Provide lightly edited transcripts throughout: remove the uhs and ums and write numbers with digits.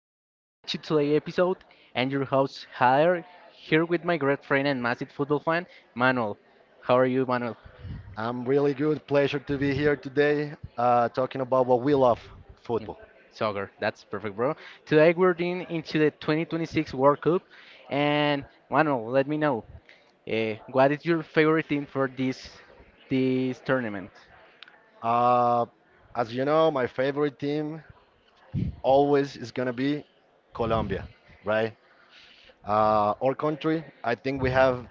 everyone, welcome to today's episode. And your host, Hader, here with my great friend and massive football fan, Manuel. How are you, Manuel? I'm really good. Pleasure to be here today talking about what we love, football. Soccer, that's perfect, bro. Today we're in into the 2026 World Cup. And Manuel, let me know, what is your favorite team for this tournament? Uh, as you know, my favorite team always is going to be Colombia, right? Our country, I think we have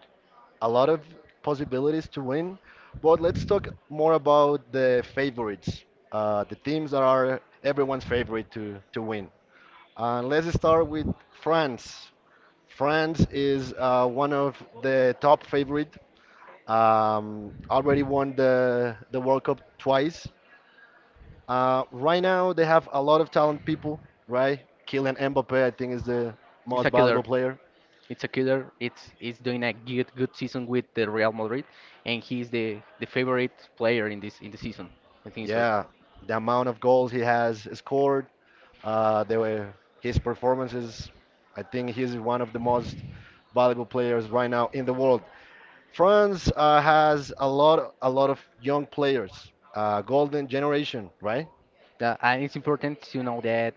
a lot of possibilities to win, but let's talk more about the favorites, the teams that are everyone's favorite to win. And let's start with France. France is one of the top favorite. Already won the World Cup twice. Right now they have a lot of talent people, right? Kylian Mbappe, I think, is the It's most a valuable killer. player. It's a killer. It's doing a good season with the Real Madrid, and he's the favorite player in the season. I think so. Yeah, the amount of goals he has scored, they were his performances. I think he's one of the most valuable players right now in the world. France has a lot of young players, golden generation, right? And it's important to know that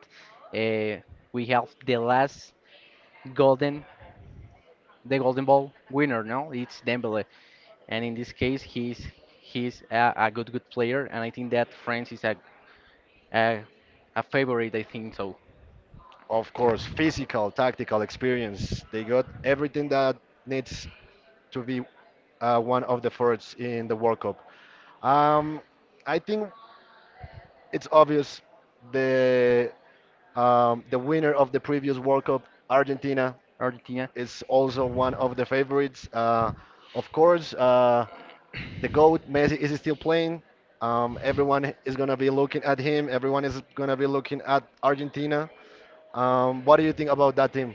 uh, we have golden, the golden ball winner. No, it's Dembele, and in this case, he's a good player, and I think that France is a, a favorite. I think so. Of course, physical, tactical experience. They got everything that needs to be one of the forwards in the World Cup. Um, I think it's obvious the the winner of the previous World Cup, Argentina, Argentina. is also one of the favorites. Of course, the GOAT, Messi, is still playing. Everyone is going to be looking at him. Everyone is going to be looking at Argentina. What do you think about that team?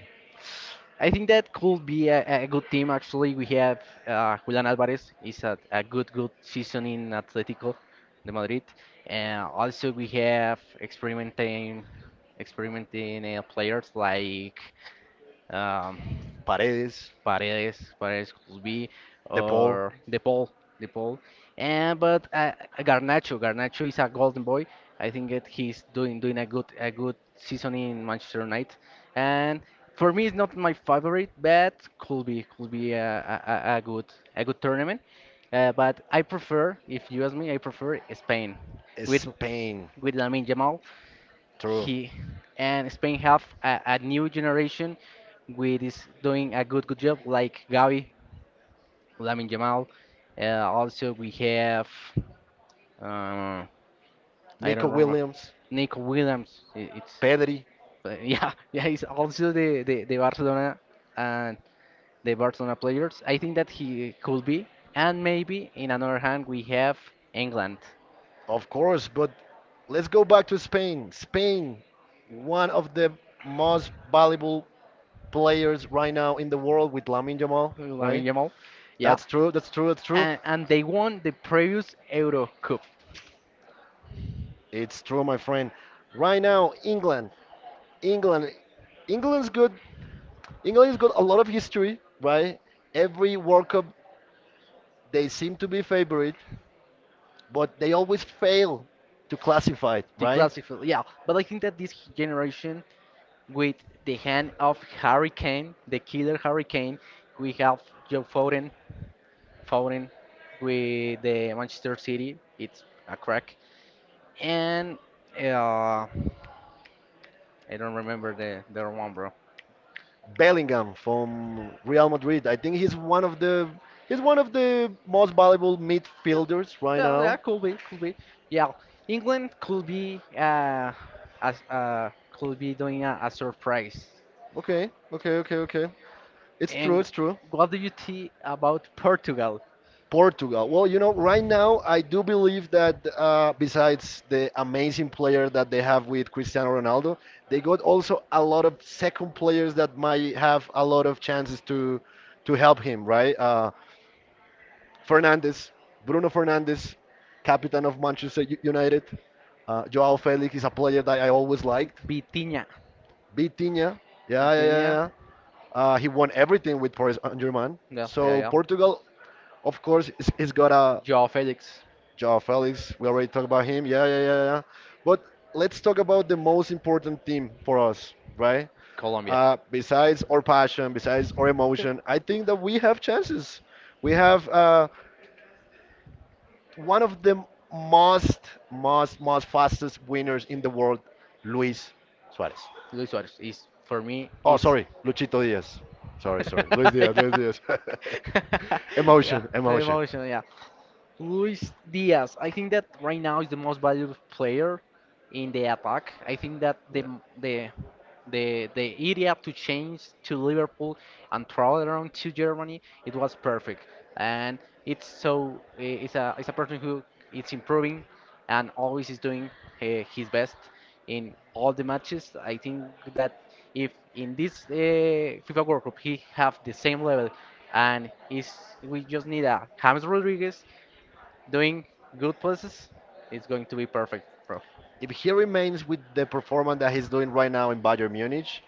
I think that could be a good team. Actually, we have Julian Alvarez is a good season in Atletico de Madrid. And also, we have experimenting players like um, Paredes, Paredes, Paredes could be, De or De Paul. And but Garnacho is a golden boy. I think that he's doing a good season in Manchester United. And for me, it's not my favorite, but could be a, a a good a good tournament. But I prefer, if you ask me, I prefer Spain with Spain, with Lamine Yamal. true. He and Spain have a new generation with is doing a good job like Gavi, Lamin Jamal. Also we have, uh, I Nico don't remember, Williams, Nick Williams. I- it's Pedri, But yeah, yeah, he's also the Barcelona and the Barcelona players. I think that he could be, and maybe in another hand we have England. of course, but let's go back to Spain. Spain, one of the most valuable players right now in the world with Lamine Yamal, Lamine right? Yamal. Yeah, That's true, that's true, that's true. and they won the previous Euro Cup. It's true, my friend. Right now, England, England, England's good. England's got a lot of history, right? Every World Cup, they seem to be favorite, but they always fail to classify it, To right? classify. Yeah, but I think that this generation, with the hand of Harry Kane, the killer Harry Kane, we have Joe Foden, Foden with the Manchester City. It's a crack, and uh, I don't remember the other one, bro. Bellingham from Real Madrid. I think he's one of the he's one of the most valuable midfielders right Yeah, yeah, now. could be, could be. Yeah, England could be, as could be doing a surprise. Okay, okay, okay, okay. It's true, And it's true. what do you think about Portugal? Portugal. Well, you know, right now I do believe that besides the amazing player that they have with Cristiano Ronaldo, they got also a lot of second players that might have a lot of chances to help him, right? Fernandes, Bruno Fernandes, captain of United. Joao Felix is a player that I always liked. Vitiña. Vitinha, yeah, yeah, yeah, Vitiña. yeah. He won everything with Paris Saint-Germain. Yeah, yeah, So yeah. Portugal, of course, is got a Joao Felix, Joao Felix. We already talked about him. Yeah, yeah, yeah, yeah. But let's talk about the most important team for us, right? Colombia. Besides our passion, besides our emotion, I think that we have chances. We have one of the most, most fastest winners in the world, Luis Suarez. Luis Suarez is, for me, Oh, it's. sorry, Luchito Diaz. Sorry, sorry, Luis Diaz, Luis Yeah. Diaz. Yeah, Emotion, the emotion. emotion, yeah. Luis Diaz, I think that right now is the most valuable player in the attack. I think that Yeah. the the idea to change to Liverpool and travel around to Germany, it was perfect. And it's so eh, it's a person who is improving, and always is doing uh, his best in all the matches. I think that if in this FIFA World Cup he have the same level, and is we just need a James Rodriguez doing good places, it's going to be perfect, bro. If he remains with the performance that he's doing right now in Bayern Munich,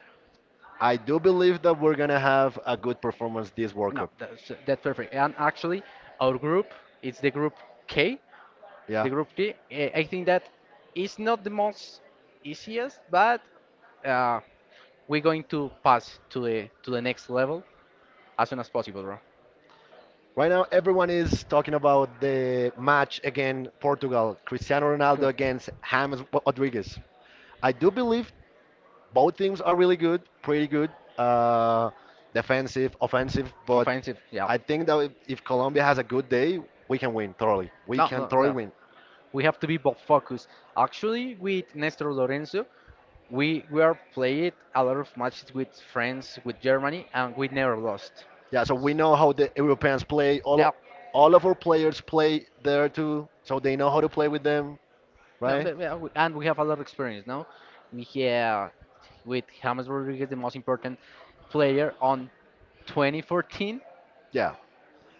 I do believe that we're gonna have a good performance this World No, Cup. that's perfect. And actually, our group is the group K. Yeah. The group K. I think that is not the most easiest, but uh, we're going to pass to the next level as soon as possible, bro. Right now, everyone is talking about the match against Portugal, Cristiano Ronaldo Cool. against James Rodriguez. I do believe both teams are really good, pretty good, uh, defensive, offensive. But Offensive, yeah. I think that if Colombia has a good day, we can win thoroughly. We No, can no, thoroughly no. win. We have to be both focused. Actually, with Nestor Lorenzo, we are played a lot of matches with friends with Germany, and we never lost. Yeah. So we know how the Europeans play. All of our players play there too, so they know how to play with them, No, right? yeah, and we have a lot of experience now. We have, with James Rodriguez, the most important player on 2014. Yeah.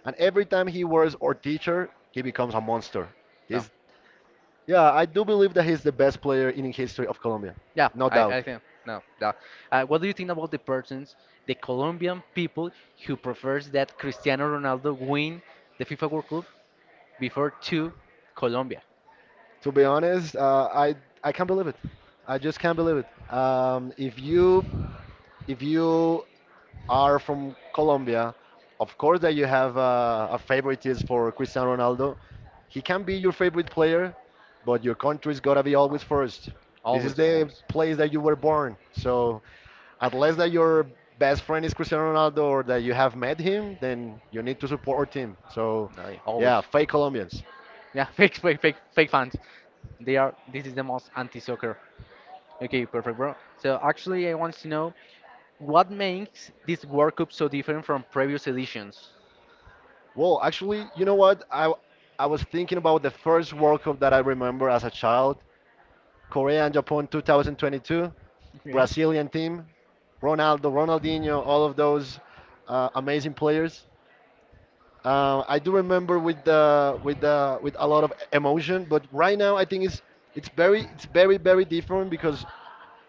And every time he wears our teacher, he becomes a monster. No, He's Yeah. I do believe that he's the best player in history of Colombia, yeah, no I doubt. think no. Yeah. What do you think about the Colombian people who prefers that Cristiano Ronaldo win the FIFA World Cup before to Colombia? To be honest, I can't believe it. I just can't believe it. No. If you are from Colombia, of course that you have a favoritism for Cristiano Ronaldo. He can be your favorite player, but your country's gotta be always first. This is Always, the always. place that you were born. So, unless that your best friend is Cristiano Ronaldo or that you have met him, then you need to support him. So, No, always. yeah, fake Colombians. Yeah, fake, fake, fake, fake fans. They are. This is the most anti-soccer. Okay, perfect, bro. So actually, I want to know what makes this World Cup so different from previous editions. Well, actually, you know what? I was thinking about the first World Cup that I remember as a child, Korea and Japan 2022, Okay. Brazilian team, Ronaldo, Ronaldinho, all of those amazing players. I do remember with the with a lot of emotion, but right now I think it's very very different because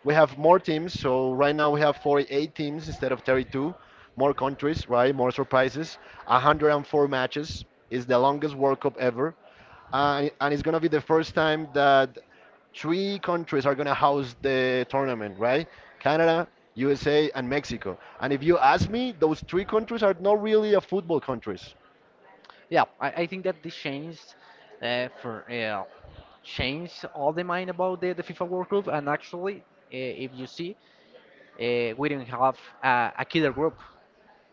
we have more teams. So right now we have 48 teams instead of 32, more countries, right? More surprises. 104 matches is the longest World Cup ever, and it's gonna be the first time that three countries are gonna host the tournament, right? Canada, USA, and Mexico. And if you ask me, those three countries are not really a football countries. Yeah, I think that this uh, for uh, changed all the mind about the FIFA World Cup. And actually, if you see, we didn't have a killer group.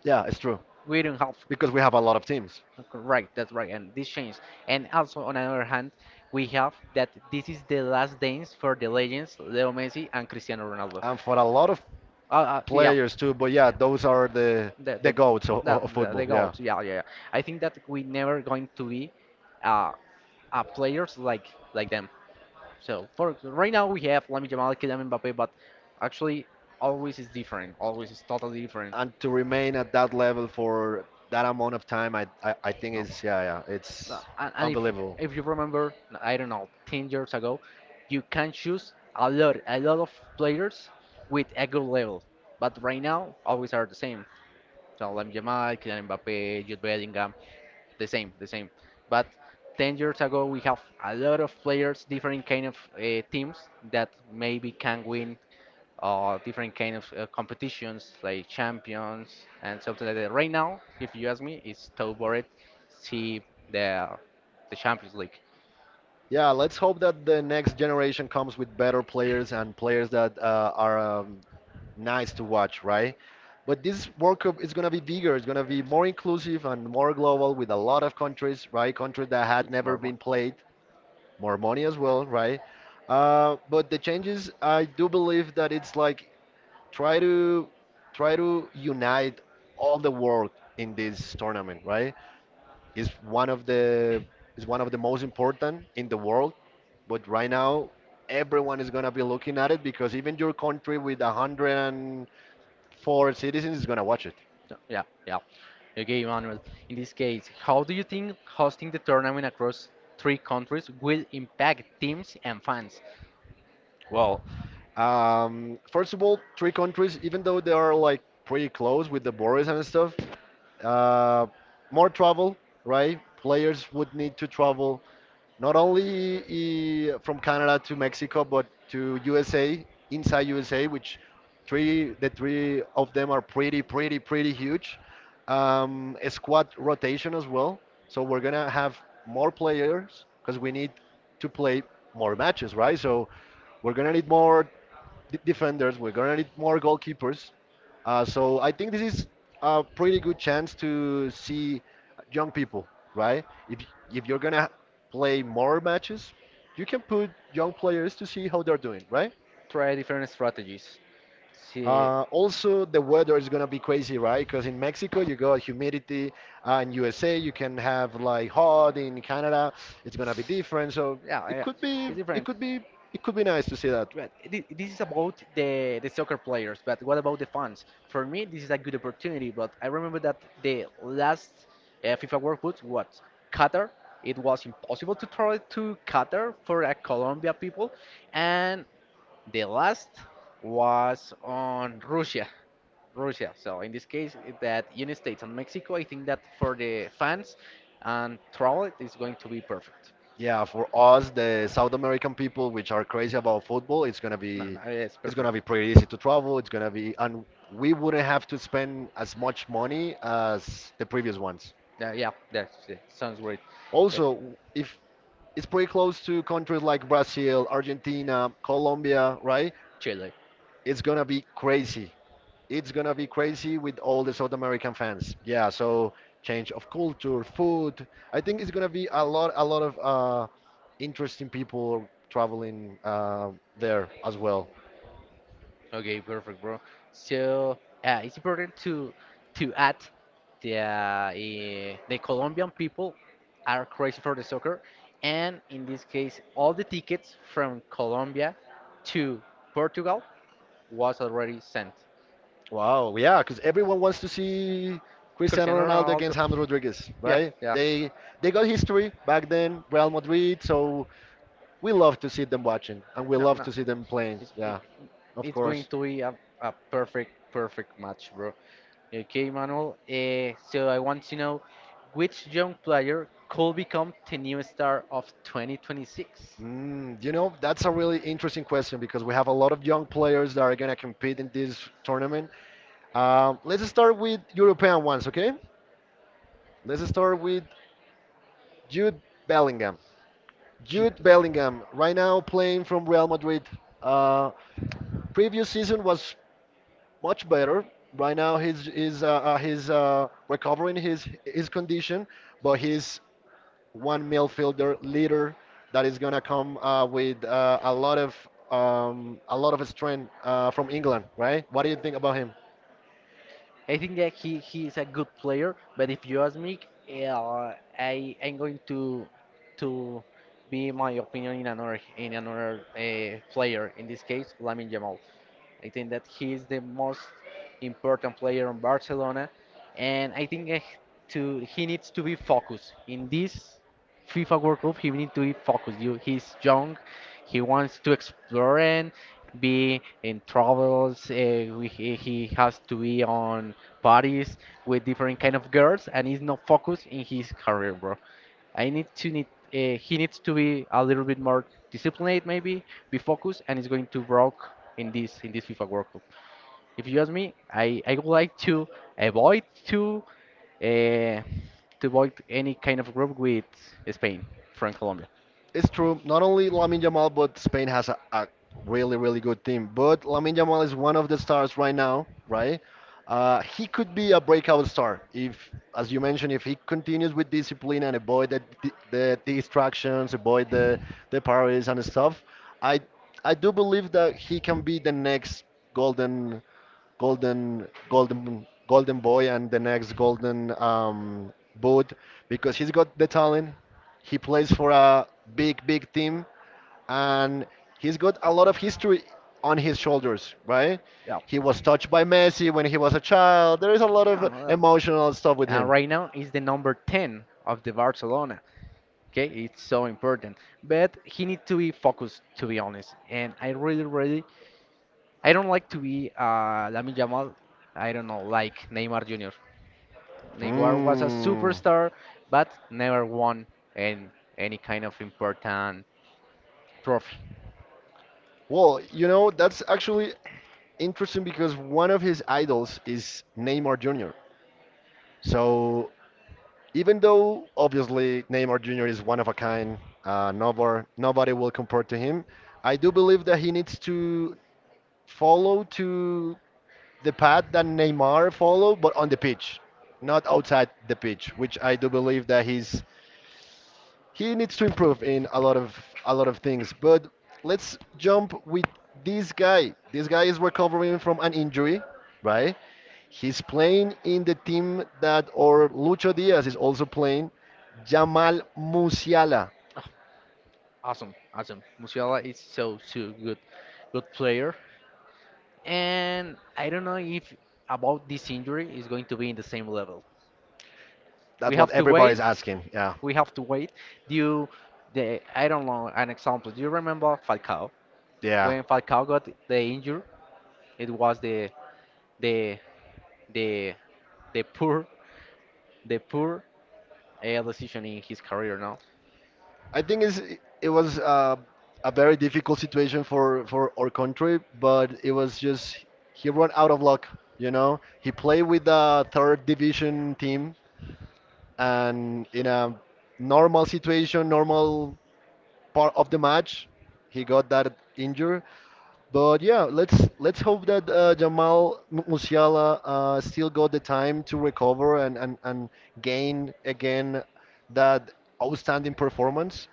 Yeah, it's true We didn't have. because we have a lot of teams Right, that's right. And this changed. And also on the other hand, we have that this is the last dance for the legends Leo Messi and Cristiano Ronaldo. and for a lot of Yeah. players too. But yeah, Yeah, those are the the the goats of, the, of the, the football. Yeah, goat. Yeah, yeah, yeah. I think that we never going to be, uh, players like them. So for right now we have Lamine Yamal, Kylian Mbappe, but actually always is different. Always is totally different. and to remain at that level for that amount of time, I think No. is yeah No, it's and if unbelievable. if you remember, I don't know, 10 years ago, you can choose a lot of players with a good level. But right now, always are the same. So Lamine Yamal, Kylian Mbappe, Jude Bellingham, the same, the same. But 10 years ago, we have a lot of players, different kind of teams that maybe can win different kind of competitions like champions and something like that. Right now, if you ask me, it's Tau Bored, see the the Champions League. Yeah, let's hope that the next generation comes with better players and players that are nice to watch, right? But this World Cup is going to be bigger. It's going to be more inclusive and more global with a lot of countries, right? Countries that had It's more never fun. been played, more money as well, right? But the changes, I do believe that it's like try to try to unite all the world in this tournament, right? is one of the is one of the most important in the world. But right now, everyone is gonna be looking at it because even your country with 104 citizens is gonna watch it. Yeah, yeah, yeah. Okay, Manuel. In this case, how do you think hosting the tournament across three countries will impact teams and fans? Well, first of all, three countries, even though they are like pretty close with the borders and stuff, uh, more travel, right? Players would need to travel not only from Canada to Mexico, but to USA, inside USA, which three the three of them are pretty, pretty, pretty huge. A squad rotation as well. So we're gonna have more players because we need to play more matches, right? So we're gonna need more defenders. We're gonna need more goalkeepers. So I think this is a pretty good chance to see young people, right? If you're gonna play more matches, you can put young players to see how they're doing, right? Try different strategies. See, Also, the weather is gonna be crazy, right? Because in Mexico you got humidity, in USA you can have like hot. In Canada, it's gonna be different. So yeah, it yeah, could be, it's it different. could be, it could be nice to see that. Right. This is about the soccer players, but what about the fans? For me, this is a good opportunity. But I remember that the last FIFA World Cup was Qatar. It was impossible to travel to Qatar for a Colombia people, and the last was on Russia. Russia. So in this case, that United States and Mexico. I think that for the fans and travel, it is going to be perfect. Yeah, for us, the South American people, which are crazy about football, No, no, yeah, it's it's gonna perfect. be pretty easy to travel. It's gonna be, and we wouldn't have to spend as much money as the previous ones. Yeah, yeah, that's it. Sounds great. Yeah, Also, if it's pretty close to countries like Brazil, Argentina, Colombia, right? Chile. It's gonna be crazy. It's gonna be crazy with all the South American fans. Yeah, so change of culture, food. I think it's gonna be a lot of interesting people traveling there as well. Okay, perfect, bro. So, it's important to add, the Colombian people are crazy for the soccer, and in this case, all the tickets from Colombia to Portugal was already sent. Wow, yeah, because everyone wants to see Cristiano Cristiano Ronaldo Ronaldo. against James Rodriguez, Yeah, right? yeah. They got history back then, Real Madrid. So we love to see them watching, and we No, love no. to see them playing. It's, it, Yeah, of it's going course. to be a perfect, perfect match, bro. Okay, Manuel. So I want to know, which young player could become the new star of 2026? Mm, you know, that's a really interesting question because we have a lot of young players that are going to compete in this tournament. Let's start with European ones, okay? Let's start with Jude Bellingham. Jude. Jude Bellingham, right now playing from Real Madrid. Uh, previous season was much better. Right now he's recovering his condition, but he's one midfielder leader that is gonna come with a lot of strength from England, right? What do you think about him? I think that he is a good player, but if you ask me, uh, I'm going to be my opinion in another player. In this case, Lamine Yamal. I think that he is the most important player on Barcelona, and I think, to he needs to be focused. In this FIFA World Cup, he need to be focused. You, he's young, he wants to explore and be in travels. He has to be on parties with different kind of girls, and he's not focused in his career, bro. I need to need. He needs to be a little bit more disciplined, maybe, be focused, and he's going to broke in this FIFA World Cup. If you ask me, I would like avoid to uh, to avoid any kind of group with Spain from Colombia. It's true. Not only Lamine Yamal, but Spain has a really really good team. But Lamine Yamal is one of the stars right now, right? He could be a breakout star if, as you mentioned, if he continues with discipline and avoid the distractions, avoid the parties and stuff. I I do believe that he can be the next golden golden boy and the next golden boot because he's got the talent. He plays for a big big team and he's got a lot of history on his shoulders, right? Yeah. He was touched by Messi when he was a child. There is a lot No, of no. emotional stuff with And him. right now is the number 10 of the Barcelona. Okay, it's so important. But he need to be focused, to be honest. And I really, really, I don't like to be, Lamine Yamal. I don't know, like Neymar Jr. Neymar was a Mm. superstar, but never won an, any kind of important trophy. Well, you know, that's actually interesting because one of his idols is Neymar Jr. So even though obviously Neymar Jr. is one of a kind, nobody will compare to him. I do believe that he needs to follow to the path that Neymar follow, but on the pitch, not outside the pitch, which I do believe that he needs to improve in a lot of things. But let's jump with this guy. This guy is recovering from an injury, right? He's playing in the team that or Lucho Diaz is also playing. Jamal Musiala. Awesome, awesome. Musiala is so good player. And I don't know, if about this injury is going to be in the same level. We That's what have to wait. everybody's asking. Yeah, We have to wait. Do you, the I don't know an example. Do you remember Falcao? yeah. When Falcao got the injury, it was the the the poor the poor decision in his career. No, I think it's, it was a very difficult situation for our country, but it was just he run out of luck. You know, he played with the third division team, and in a normal situation, normal part of the match, he got that injury. But yeah, let's hope that Jamal Musiala still got the time to recover and gain again that outstanding performance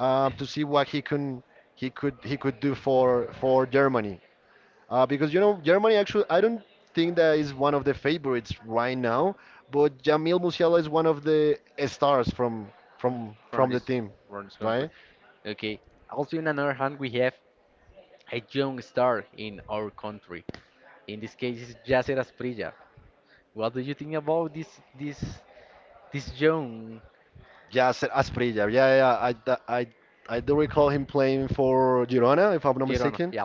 to see what he could do for Germany. Because you know Germany actually I don't think that is one of the favorites right now, but Jamil Musiala is one of the stars from from from the this team, from this country. right? Okay. Also, in another hand, we have a young star in our country. In this case, it's Yasser Asprilla. What do you think about this this young Yasser Asprilla. Yeah, yeah, I do recall him playing for Girona, if I'm not Girona? mistaken. Yeah,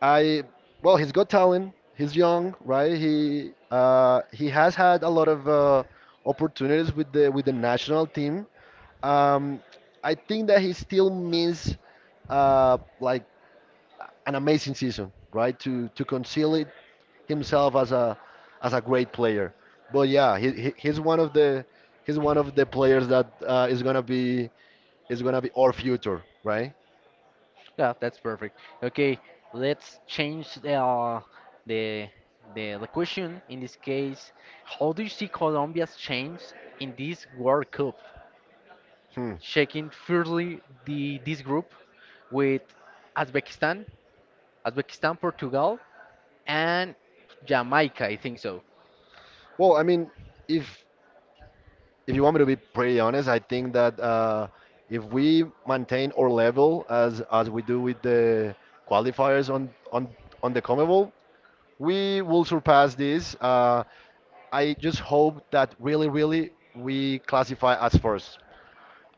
I, well, he's got talent. He's young, right? He has had a lot of opportunities with the national team. Um, I think that he still miss, like an amazing season, right? To conceal it himself as a great player. But yeah, he he's one of the he's one of the players that is gonna be our future, right? yeah, that's perfect. Okay, let's change the the question. In this case, how do you see Colombia's change in this World Cup? Hmm. Shaking fiercely the this group with Uzbekistan Uzbekistan, Portugal, and Jamaica. I think so. Well, I mean, if if you want me to be pretty honest, I think that if we maintain our level as we do with the qualifiers on the CONMEBOL, we will surpass this. I just hope that really, really we classify as first.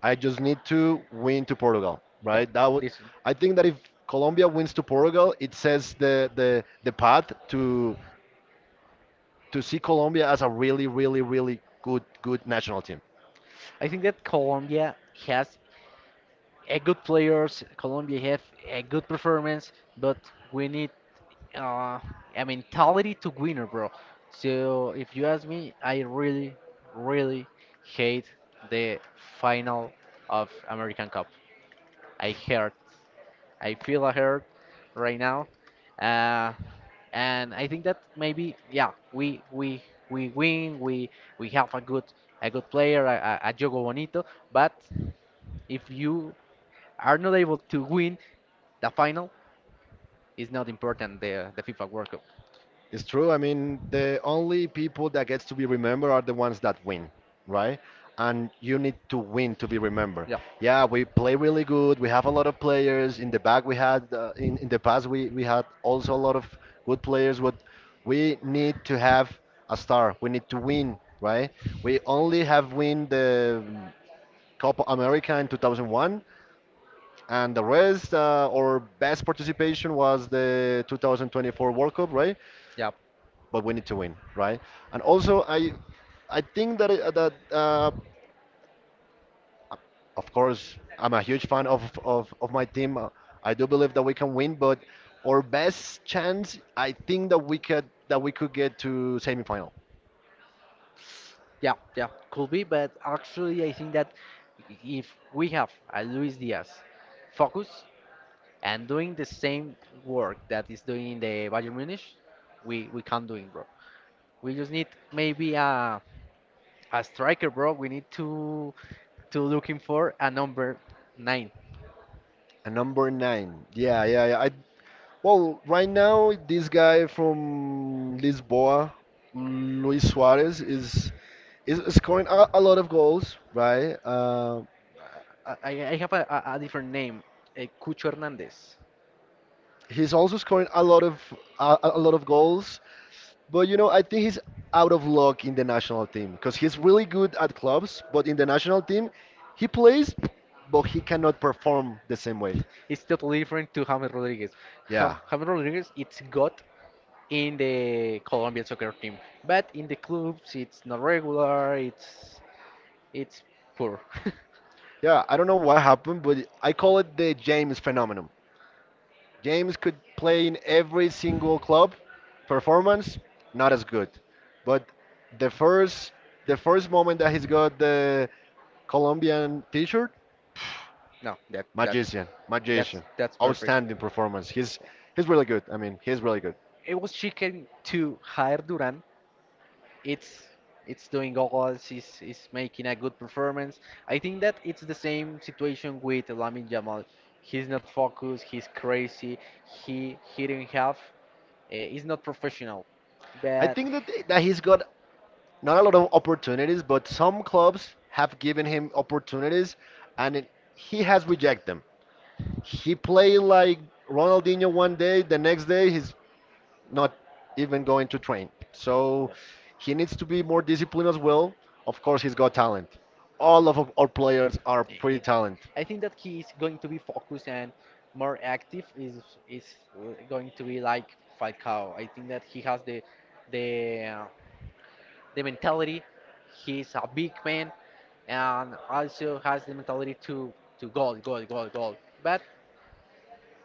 I just need to win to Portugal, Yeah, right? That would, this. I think that if Colombia wins to Portugal, it says the path to see Colombia as a really, really, really good good national team. I think that Colombia has a good players. Colombia have a good performance, but we need uh, a mentality to winner, bro. So if you ask me, I really, really hate the final of American Cup. I hate I feel a hurt right now. Uh, and I think that maybe yeah, we win. We have a good player, a Jogo Bonito. But if you are not able to win the final, it's not important. The FIFA World Cup. It's true. I mean, the only people that gets to be remembered are the ones that win, right? And you need to win to be remembered. Yeah, Yeah, we play really good. We have a lot of players. In the back, we had in the past we had also a lot of good players. But we need to have a star. We need to win, right? We only have win the Copa America in 2001, and the rest our best participation was the 2024 World Cup, right? yeah, But we need to win, right? And also, I think that of course I'm a huge fan of of my team. I do believe that we can win, but our best chance, I think that we could get to semifinal. yeah, yeah. Could be, but actually I think that if we have a Luis Diaz focus and doing the same work that is doing in the Bayern Munich, we can do it, bro. We just need maybe a striker, bro. We need to looking for a number nine. And number nine, yeah, yeah, yeah. I Well, right now this guy from Lisboa, Luis Suarez, is scoring a lot of goals, right? I have a different name, Cucho Hernandez. He's also scoring a lot of goals, but you know I think he's out of luck in the national team because he's really good at clubs, but in the national team he plays, but he cannot perform the same way. It's totally different to James Rodriguez. Yeah, James Rodriguez, it's God in the Colombian soccer team, but in the clubs, it's not regular. It's poor. yeah. I don't know what happened, but I call it the James phenomenon. James could play in every single club, performance not as good, but the first the first moment that he's got the Colombian t-shirt, No, that magician, that's magician, that's perfect. outstanding performance. He's really good. I mean, he's really good. It was chicken to hire Duran, it's it's doing goals, is making a good performance. I think that it's the same situation with Lamine Jamal. He's not focused. He's crazy. He didn't have. He's not professional, I but think that he's got not a lot of opportunities, but some clubs have given him opportunities, and it, he has rejected them. He played like Ronaldinho one day, the next day he's not even going to train. So yeah. he needs to be more disciplined as well. Of course, he's got talent. All of our players are pretty It, talented. I think that he is going to be focused and more active. Is going to be like Falcao. I think that he has the the uh, the mentality. He's a big man and also has the mentality to goal, goal, goal, goal. But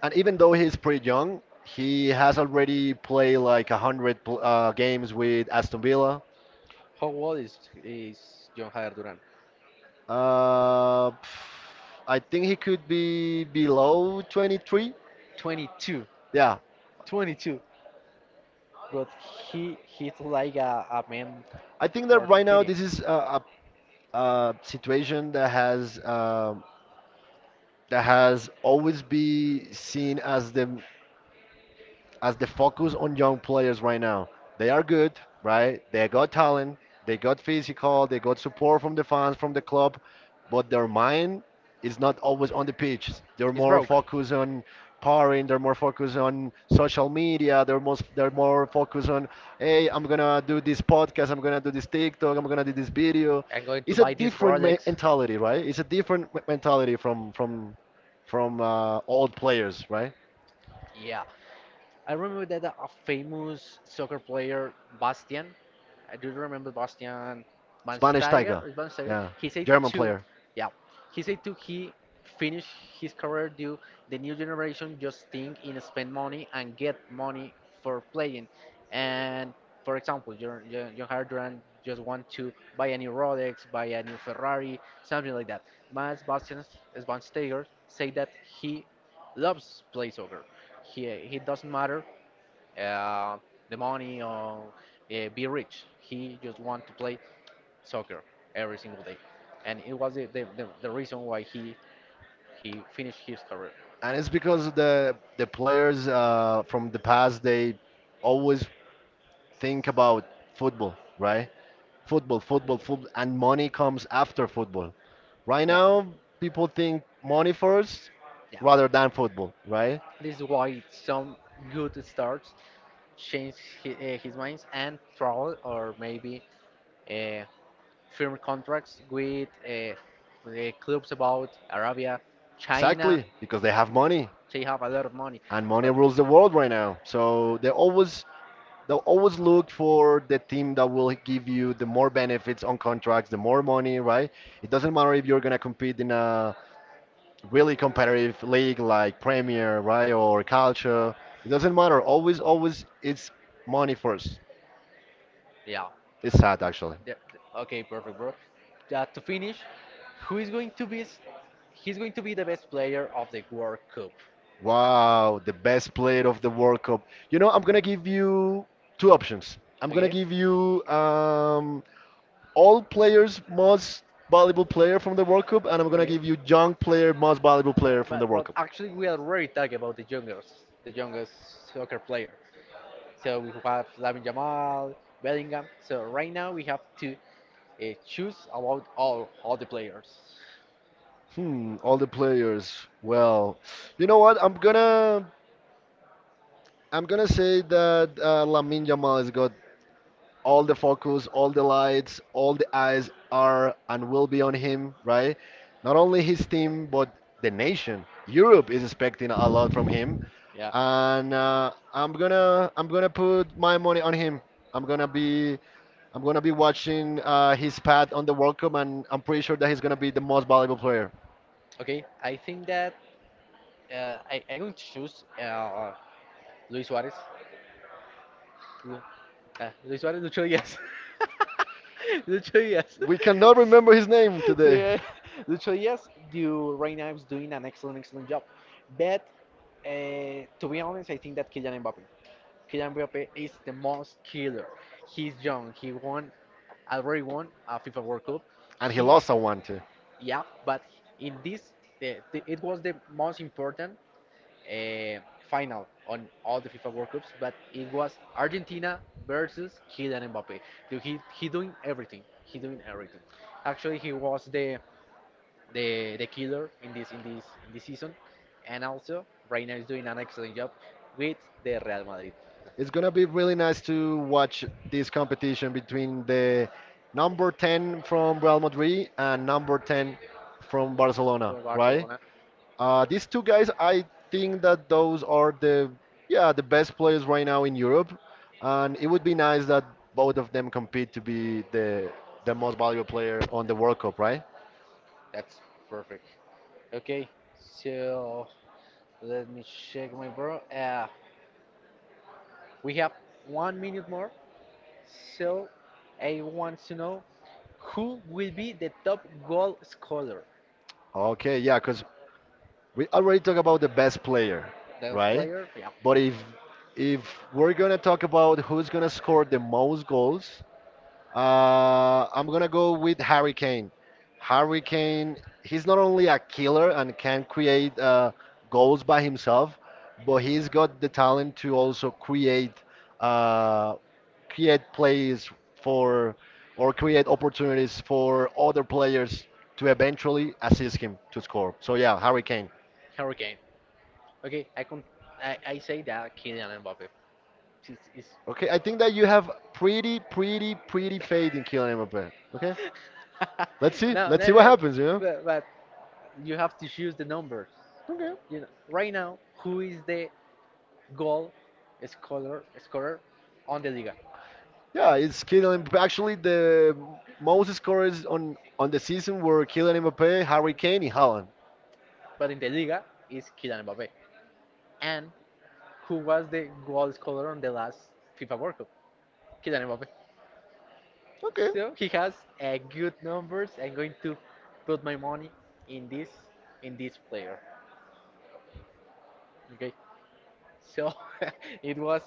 And even though he's pretty young, he has already played like a hundred games with Aston Villa. how old is John Javier Duran? Uh, I think he could be below 23. 22, Yeah, 22. But he's like a man I think that for right now 30. this is a situation that has always been seen as the focus on young players right now. They are good, right? They got talent, they got physical, they got support from the fans, from the club, but their mind is not always on the pitch. They're He's more broke. focused on partying, they're more focused on social media, they're more focused on hey, I'm gonna do this podcast, I'm gonna do this TikTok, I'm gonna do this video. I'm going to It's a buy this different Rolex. mentality, right? It's a different mentality from old players, right? Yeah. I remember that a famous soccer player, Bastian, I do remember Bastian Spanish Schweinsteiger, Tiger. or Schweinsteiger. Yeah, He said German to, player. yeah, he said to he finish his career due the new generation just think in spend money and get money for playing. And for example, John just want to buy a new Rolex, buy a new Ferrari, something like that. Mas Bastian Schweinsteiger say that he loves play soccer, he doesn't matter uh, the money or be rich. He just want to play soccer every single day, and it was the reason why he finished his career. And it's because the players from the past they always think about football, right? Football, football, football, and money comes after football. Right Yeah, now, people think money first yeah. rather than football, right? This is why some good starts change his minds and travel or maybe uh, firm contracts with the clubs about Arabia, China. Exactly, because they have money They have a lot of money, and money but rules the world right now. So they always they'll always look for the team that will give you the more benefits on contracts, the more money, right? It doesn't matter if you're gonna compete in a really competitive league like Premier, right, or Culture. It doesn't matter. Always, always, it's money first. yeah. It's sad, actually. Okay, perfect, bro. To finish, who is going to be? He's going to be the best player of the World Cup. Wow, the best player of the World Cup. You know, I'm gonna give you two options. I'm gonna Okay. give you all players most valuable player from the World Cup, and I'm gonna Okay. give you young player most valuable player from the World But Cup. actually, we already talked about the youngest soccer player. So we have Lamine Yamal, Bellingham. So right now we have to choose about all the players. Hmm, all the players. Well, you know what? I'm gonna say that Lamine Yamal has got all the focus, all the lights, all the eyes are and will be on him, right? Not only his team, but the nation. Europe is expecting a lot from him, Yeah. and I'm gonna put my money on him. I'm gonna be I'm gonna be watching his path on the World Cup, and I'm pretty sure that he's gonna be the most valuable player. Okay, I think that I going to choose Luis Suarez. Lu- Luis Suarez, Lucho Díaz. Lucho Díaz. We cannot remember his name today, Yeah, Lucho Díaz, you right now is doing an excellent, excellent job. But to be honest, I think that Kylian Mbappe is the most killer. He's young. Already won a FIFA World Cup. and he He, lost a one too. yeah, but in this, the, it was the most important uh, final on all the FIFA World Cups, but it was Argentina versus Kylian Mbappe. Dude, he doing everything. He doing everything. Actually, he was the killer in this in this in this season, and also right now he's doing an excellent job with the Real Madrid It's gonna be really nice to watch this competition between the number 10 from Real Madrid and number 10 from Barcelona, from right? Barcelona. These two guys, I think that those are the yeah the best players right now in Europe, and it would be nice that both of them compete to be the most valuable player on the World Cup, right? That's perfect. Okay, so let me check my bro. We have 1 minute more. So I want to know who will be the top goal scorer, Okay, yeah, because we already talked about the best player, the right? player, yeah, But if we're gonna talk about who's gonna score the most goals, I'm gonna go with Harry Kane. Harry Kane, he's not only a killer and can create goals by himself, but he's got the talent to also create uh, create plays for or create opportunities for other players to eventually assist him to score. So yeah, Harry Kane. Hurricane. Okay, I can I say that Kylian Mbappe. Is Okay, I think that you have pretty, pretty, pretty faith in Kylian Mbappe. Okay, no, no, let's see what no, happens. You know. But you have to choose the numbers. Okay. You know, right now, who is the goal scorer on the Liga? Yeah, it's Kylian. Mbappé. Actually, the most scorers on the season were Kylian Mbappe, Harry Kane, and Haaland. But in the Liga is Kylian Mbappe. And who was the goal scorer on the last FIFA World Cup? Kylian Mbappe. Okay. So he has a good numbers. I'm going to put my money in this player. Okay. So it was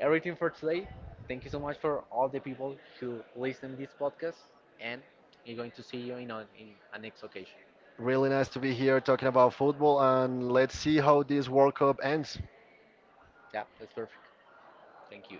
everything for today. Thank you so much for all the people who listen this podcast and we're going to see you in a next occasion. Really nice to be here talking about football, and let's see how this World Cup ends. Yeah, that's perfect. Thank you.